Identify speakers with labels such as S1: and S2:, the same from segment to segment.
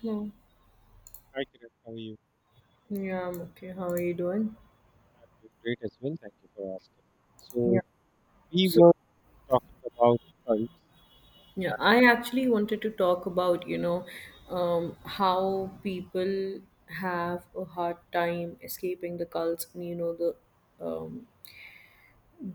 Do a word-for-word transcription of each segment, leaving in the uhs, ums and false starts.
S1: Hello.
S2: Hi, Kiran. How are you?
S1: Yeah, I'm okay. How are you doing?
S2: I'm doing great as well. Thank you for asking. So
S1: Yeah.
S2: we
S1: So,
S2: were talking about cults.
S1: yeah, I actually wanted to talk about, you know, um, how people have a hard time escaping the cults and, you know, the um,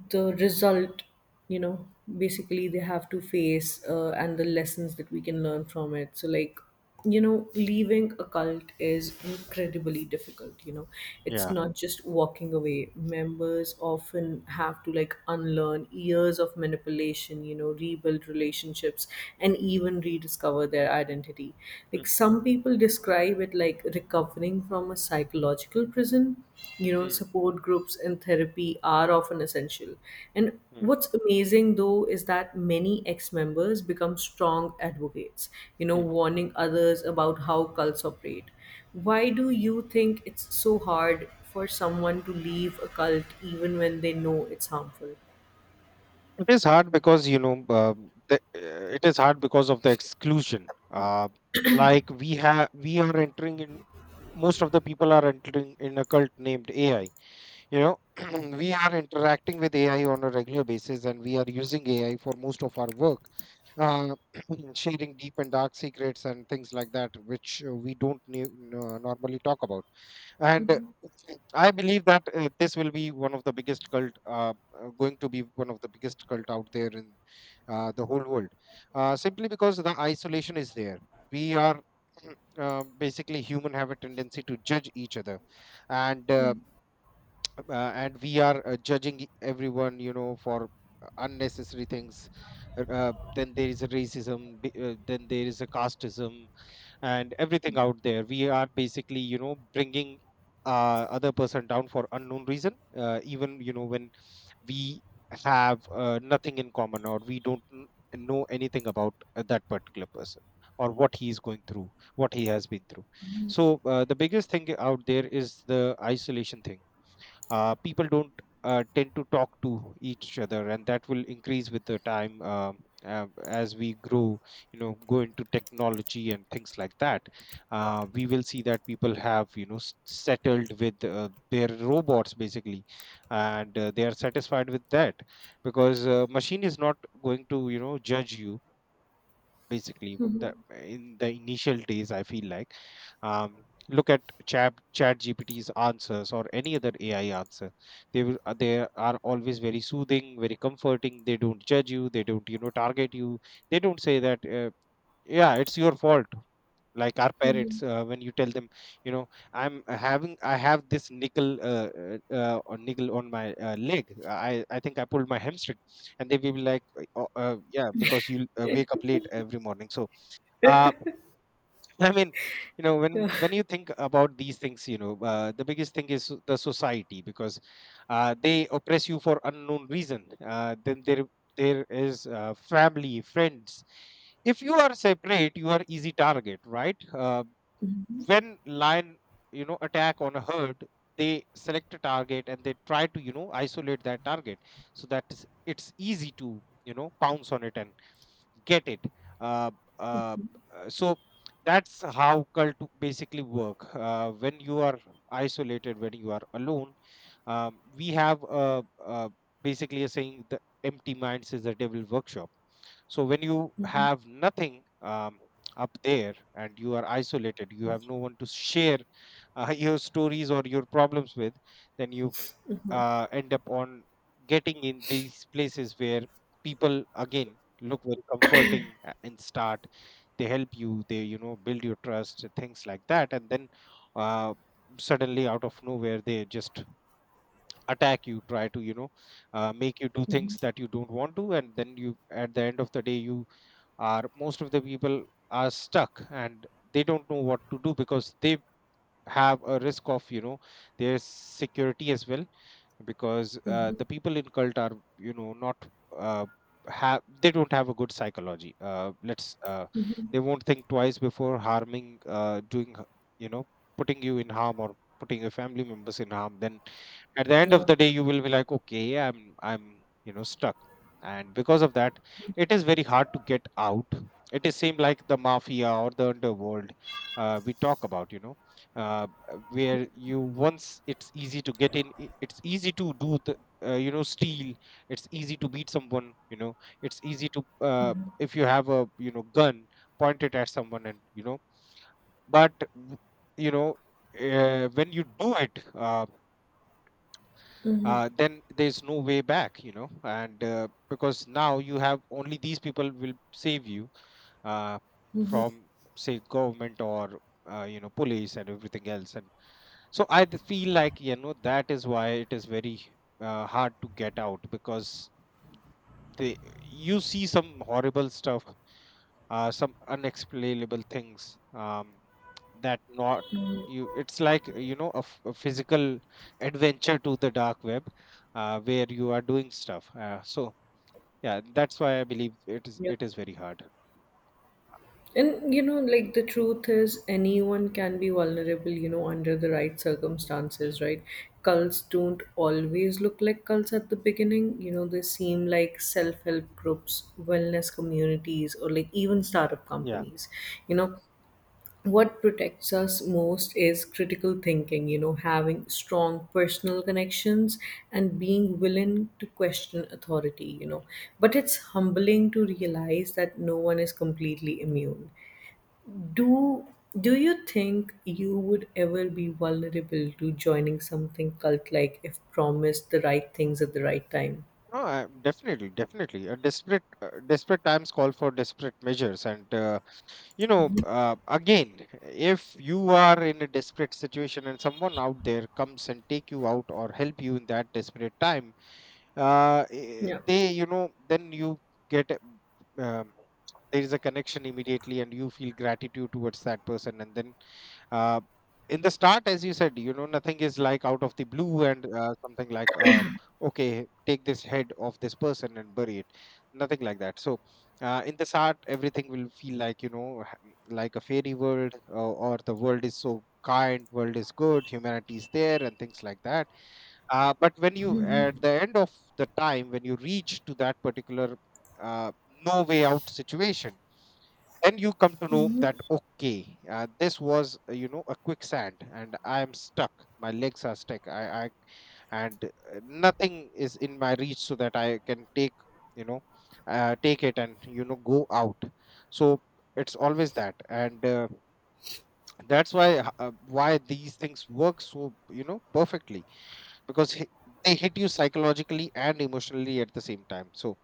S1: the result you know basically they have to face uh, and the lessons that we can learn from it. So like, you know, leaving a cult is incredibly difficult, you know. It's
S2: Yeah.
S1: not just walking away. Members often have to, like, unlearn years of manipulation, you know, rebuild relationships, and even rediscover their identity.
S2: Mm,
S1: Like, some people people describe it like recovering from a psychological prison. You know,
S2: mm,
S1: support groups and therapy are often essential. And
S2: mm,
S1: what's amazing though is that many ex members become strong advocates, you know,
S2: mm.
S1: warning others about how cults operate. Why do you think it's so hard for someone to leave a cult even when they know it's harmful?
S2: It is hard because you know uh, the, uh, it is hard because of the exclusion. Uh, like we have, we are entering in. Most of the people are entering in a cult named A I. you know we are interacting with AI on a regular basis, and we are using AI for most of our work, uh, sharing deep and dark secrets and things like that, which uh, we don't ne- n- uh, normally talk about. And uh, I believe that uh, this will be one of the biggest cult, uh, uh, going to be one of the biggest cult out there in uh, the whole world, uh, simply because the isolation is there. We are uh, basically, human have a tendency to judge each other. And uh, uh, and we are uh, judging e, everyone, you know, for uh, unnecessary things. Uh, uh, then there is a racism, b- uh, then there is a casteism, and everything out there, we are basically, you know, bringing uh, other person down for unknown reason, uh, even you know when we have uh, nothing in common, or we don't n- know anything about uh, that particular person, or what he is going through, what he has been through. So uh, the biggest thing out there is the isolation thing. Uh, people don't uh, tend to talk to each other, and that will increase with the time, um, uh, as we grow, you know, go into technology and things like that. Uh, we will see that people have, you know, s- settled with uh, their robots basically, and uh, they are satisfied with that, because uh, machine is not going to, you know, judge you. Basically, w- the in the initial days I feel like, um look at chat chat GPT's answers or any other AI answer. They will uh, they are always very soothing, very comforting. They don't judge you, they don't, you know, target you. They don't say that, uh, yeah, it's your fault, like our parents uh, when you tell them, you know, i'm having I have this nickel, uh, uh, uh, or nickel on my uh, leg. I i think I pulled my hamstring, and they will be like, uh, "Oh, uh, yeah, because you uh, wake up late every morning, so uh, I mean, you know, when
S1: Yeah.
S2: when you think about these things, you know, uh, the biggest thing is the society, because uh, they oppress you for unknown reason. Uh, then there there is uh, family, friends. If you are separate, you are easy target, right? Uh, when lion, you know, attack on a herd, they select a target, and they try to, you know, isolate that target, so that it's it's easy to, you know, pounce on it and get it. Uh, uh, uh, so that's how cult basically work. Uh, when you are isolated, when you are alone, um, we have uh, uh, basically a saying: "The empty minds is the devil workshop." So when you have nothing um, up there and you are isolated, you have no one to share uh, your stories or your problems with. Then you uh, end up on getting in these places where people again look very comforting, a- and start, they help you, they, you know, build your trust, things like that, and then uh, suddenly, out of nowhere, they just attack you, try to, you know, uh, make you do things that you don't want to. And then you at the end of the day, you are, most of the people are stuck, and they don't know what to do, because they have a risk of, you know, their security as well, because uh, the people in cult are, you know, not uh, have they don't have a good psychology. Uh, let's uh, they won't think twice before harming, uh, doing h- you know, putting you in harm, or putting your family members in harm. Then at the end of
S1: Yeah.
S2: the day, you will be like, okay, i'm i'm, you know, stuck. And because of that, it is very hard to get out. It is same like the mafia or the underworld uh, we talk about, you know, uh, uh, where you once, it's easy to get in, i- it's easy to do the, uh, you know, steal, it's easy to beat someone, you know, it's easy to, uh, if you have a, you know, gun, point it at someone, and, you know, but w- you know, uh, when you do it, uh, uh, then there's no way back, you know. And uh, because now you have only these people will save you uh, from, say, government, or uh, you know, police and everything else. And so I d- feel like, you know, that is why it is very uh, hard to get out, because they, you see some horrible stuff, uh, some unexplainable things, um, that not you. It's like, you know, a, f- a physical adventure to the dark web, uh, where you are doing stuff. Uh, so yeah, that's why I believe it is
S1: Yeah.
S2: it is very hard.
S1: And you know, like, the truth is, anyone can be vulnerable, you know, under the right circumstances,
S2: Hmm.
S1: right? Cults don't always look like cults at the beginning. You know, they seem like self help groups, wellness communities, or like even startup
S2: Yeah.
S1: companies. You know, what protects us most is critical thinking, you know, having strong personal connections and being willing to question authority, you know. But it's humbling to realize that no one is completely immune. Do do you think you would ever be vulnerable to joining something cult like if promised the right things at the right time?
S2: No, I, definitely, definitely. Uh, desperate, uh, desperate times call for desperate measures, and uh, you know, uh, again, if you are in a desperate situation, and someone out there comes and take you out, or help you in that desperate time, uh, eh,
S1: Yeah.
S2: they, you know, then you get. a- Um, there is a connection immediately, and you feel gratitude towards that person. And then uh, in the start, as you said, you know, nothing is like out of the blue. And uh, something like, uh, okay, take this head of this person and bury it, nothing like that. So uh, in the start, everything will feel like, you know, ha- like a fairy world, uh, or the world is so kind, world is good, humanity is there, and things like that. Uh, but when you at the end of the time when you reach to that particular uh, no way out situation, then you come to know that, okay, uh, this was, uh, you know, a quicksand, and I am stuck, my legs are stuck. I, I and uh, nothing is in my reach so that I can take, you know, uh, take it and, you know, go out. So it's always that. And uh, that's why, h- uh, why these things work so, you know, perfectly, because hi- they hit you psychologically and emotionally at the same time, so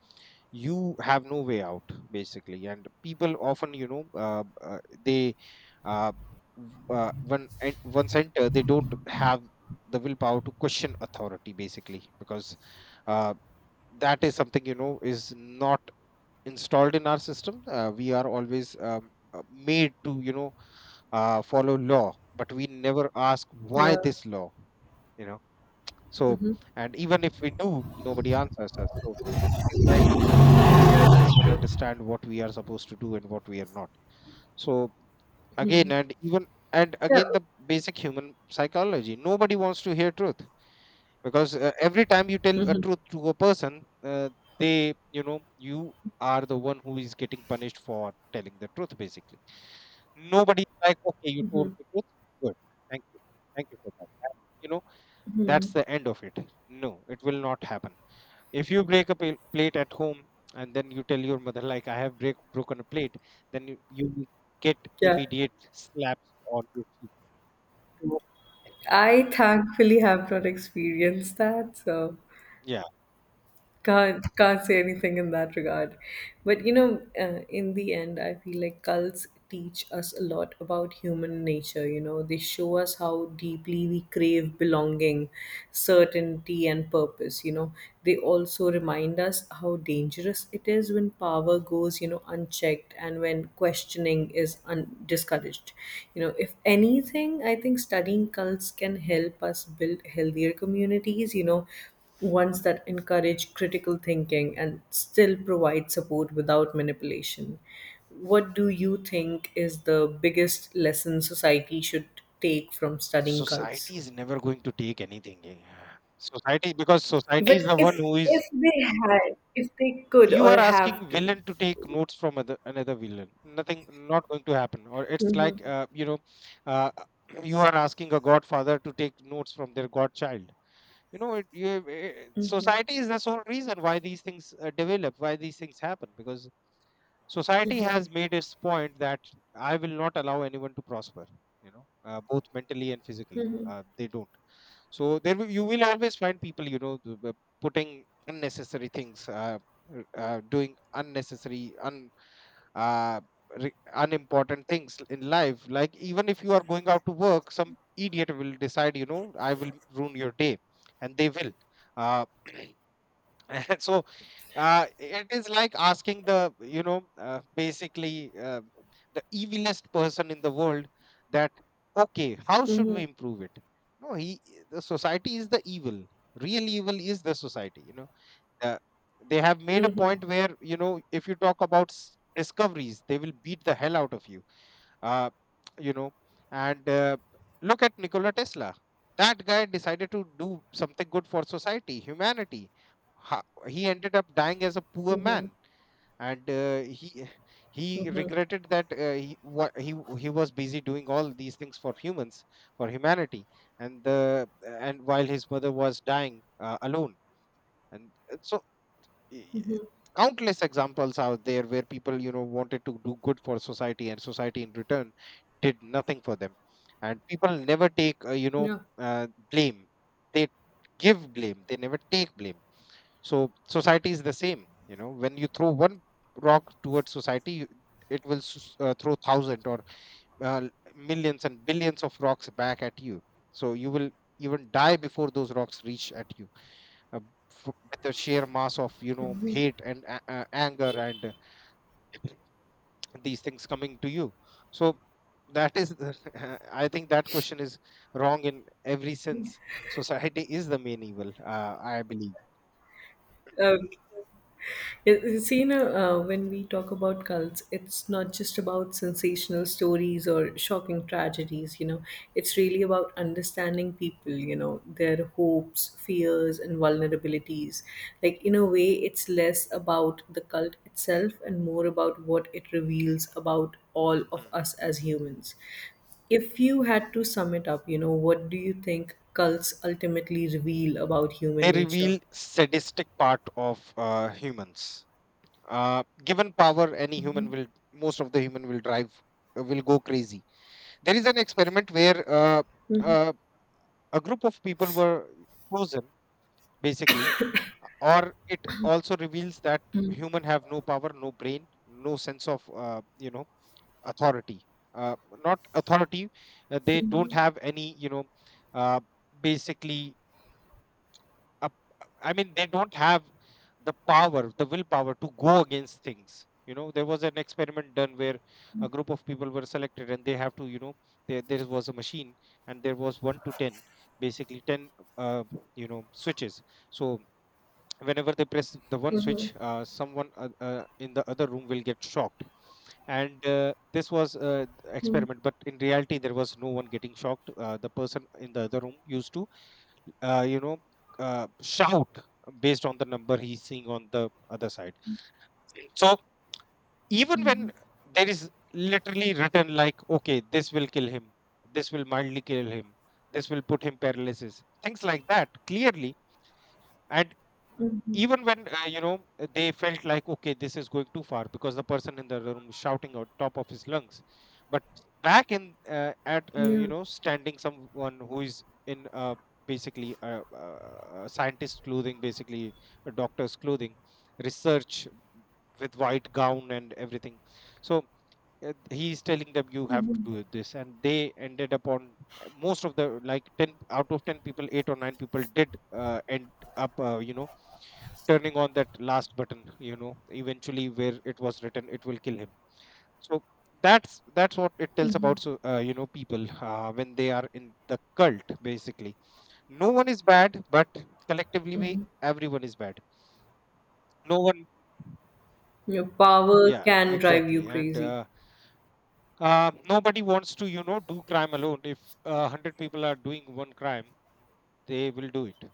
S2: you have no way out, basically. And people often, you know, uh, uh, they, uh, w- uh, when en- once enter, they don't have the willpower to question authority, basically, because uh, that is something, you know, is not installed in our system. Uh, we are always, um, uh, made to, you know, uh, follow law, but we never ask why
S1: Yeah.
S2: this law, you know, so,
S1: Hmm.
S2: and even if we do, nobody answers us. So it is like, you know, we don't even understand what we are supposed to do and what we are not. So again, and even, and
S1: Yeah.
S2: again, the basic human psychology, nobody wants to hear truth, because uh, every time you tell a truth to a person, uh, they, you know, you are the one who is getting punished for telling the truth, basically. Nobody is like, okay, you told the truth. Good. Thank you. Thank you for that. And, you know, that's the end of it. No, it will not happen. If you break a pa- plate at home, and then you tell your mother like, I have break, broken a plate, then you, you will get
S1: Yeah.
S2: immediate slaps on your cheek. So
S1: I thankfully have not experienced that. So
S2: yeah,
S1: can't can't say anything in that regard. But you know, uh, in the end, I feel like cults teach us a lot about human nature. You know, they show us how deeply we crave belonging, certainty, and purpose. You know, they also remind us how dangerous it is when power goes, you know, unchecked and when questioning is un- discouraged. You know, if anything, I think studying cults can help us build healthier communities, you know, ones that encourage critical thinking and still provide support without manipulation. What do you think is the biggest lesson society should take from studying cults?
S2: society is never going to take anything, eh. Society, because society is
S1: But
S2: the one
S1: if
S2: who is,
S1: if they had, if they could
S2: you are
S1: or have
S2: asking
S1: to.
S2: villain to take notes from other, another villain. Nothing, not going to happen. Or it's
S1: Mm-hmm.
S2: like, uh, you know, uh, you are asking a godfather to take notes from their godchild. You know, it, you, eh, eh, society is the sole reason why these things uh, develop, why these things happen, because society has made its point that I will not allow anyone to prosper. You know, uh, both mentally and physically, uh, they don't. So there will, you will always find people, you know, th- the putting unnecessary things, uh, r- uh, doing unnecessary, un, uh, re- unimportant things in life. Like, even if you are going out to work, some idiot will decide, you know, I will ruin your day, and they will. Uh, so uh, it is like asking the you know uh, basically uh, the evilest person in the world that, okay, how should
S1: Mm-hmm.
S2: we improve it? No he The society is the evil. Real evil is the society, you know. uh, they have made a
S1: Mm-hmm.
S2: point where, you know, if you talk about s- discoveries, they will beat the hell out of you. Uh, you know and uh, Look at Nikola Tesla. That guy decided to do something good for society, humanity. Ha- he ended up dying as a poor
S1: Mm-hmm.
S2: man. And uh, he he
S1: Mm-hmm.
S2: regretted that, uh, he, what he w- he was busy doing all these things for humans, for humanity, and the and while his mother was dying uh, alone. and uh, so i- Countless examples out there where people, you know, wanted to do good for society, and society in return did nothing for them. And people never take, uh, you know uh, blame. They give blame, they never take blame. So society is the same, you know. When you throw one rock towards society, you- it will s- uh, throw thousand, or uh, millions and billions of rocks back at you. So you will even die before those rocks reach at you, uh, f- with the sheer mass of, you know, hate and a- a- anger and, uh, these things coming to you. So that is the- I think that question is wrong in every sense. Society is the main evil, uh, I believe.
S1: Yeah. It- You see, you know, uh, when we talk about cults, it's not just about sensational stories or shocking tragedies, you know, it's really about understanding people, you know, their hopes, fears, and vulnerabilities. Like, in a way, it's less about the cult itself and more about what it reveals about all of
S2: Hmm.
S1: us as humans. If you had to sum it up, you know, what do you think cults ultimately reveal about
S2: They
S1: human nature?
S2: reveal sadistic part of uh, humans. Uh, given power, any human will, most of the human will drive, uh, will go crazy. There is an experiment where uh,
S1: Mhm.
S2: uh, a group of people were chosen, basically, or it also reveals that human have no power, no brain, no sense of, uh, you know, authority. Uh, Not authority. uh, They don't have any, you know, uh, basically up I mean, they don't have the power, the willpower to go against things, you know. There was an experiment done where a group of people were selected, and they have to, you know, there, there was a machine, and there was one to ten, basically ten uh, you know switches. So whenever they press the one switch, uh, someone, uh, uh, in the other room will get shocked. And uh, this was, uh,
S1: Mhm.
S2: experiment, but in reality there was no one getting shocked. Uh, the person in the other room used to, uh, you know, uh, shout based on the number he's seeing on the other side. So even when there is literally written, like, okay, this will kill him, this will mildly kill him, this will put him paralysis, things like that, clearly. And even when, uh, you know they felt like, okay, this is going too far because the person in the other room is shouting out top of his lungs. But back in, uh, at uh, you
S1: Yeah.
S2: know, standing someone who is in, uh, basically a, a a scientist clothing, basically a doctor's clothing, research, with white gown and everything. So uh, he telling them you have to do this, and they ended up on most of the, like, ten out of ten people, eight or nine people did, uh, end up, uh, you know turning on that last button, you know, eventually, where it was written it will kill him. So that's that's what it tells about. So, uh, you know people, uh, when they are in the cult, basically, no one is bad, but collectively we, everyone is bad. No one.
S1: Your power
S2: Yeah,
S1: can drive
S2: exactly.
S1: you
S2: And,
S1: crazy.
S2: uh, uh, nobody wants to, you know, do crime alone. If, uh, a hundred people are doing one crime, they will do it.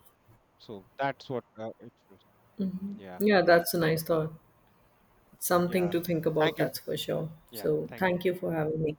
S2: So that's what, uh, it shows. Yeah.
S1: Yeah, that's a
S2: So
S1: nice thought. Something
S2: yeah,
S1: to think
S2: thank
S1: about,
S2: you.
S1: that's for sure.
S2: Yeah,
S1: So,
S2: thank you.
S1: thank you for having me.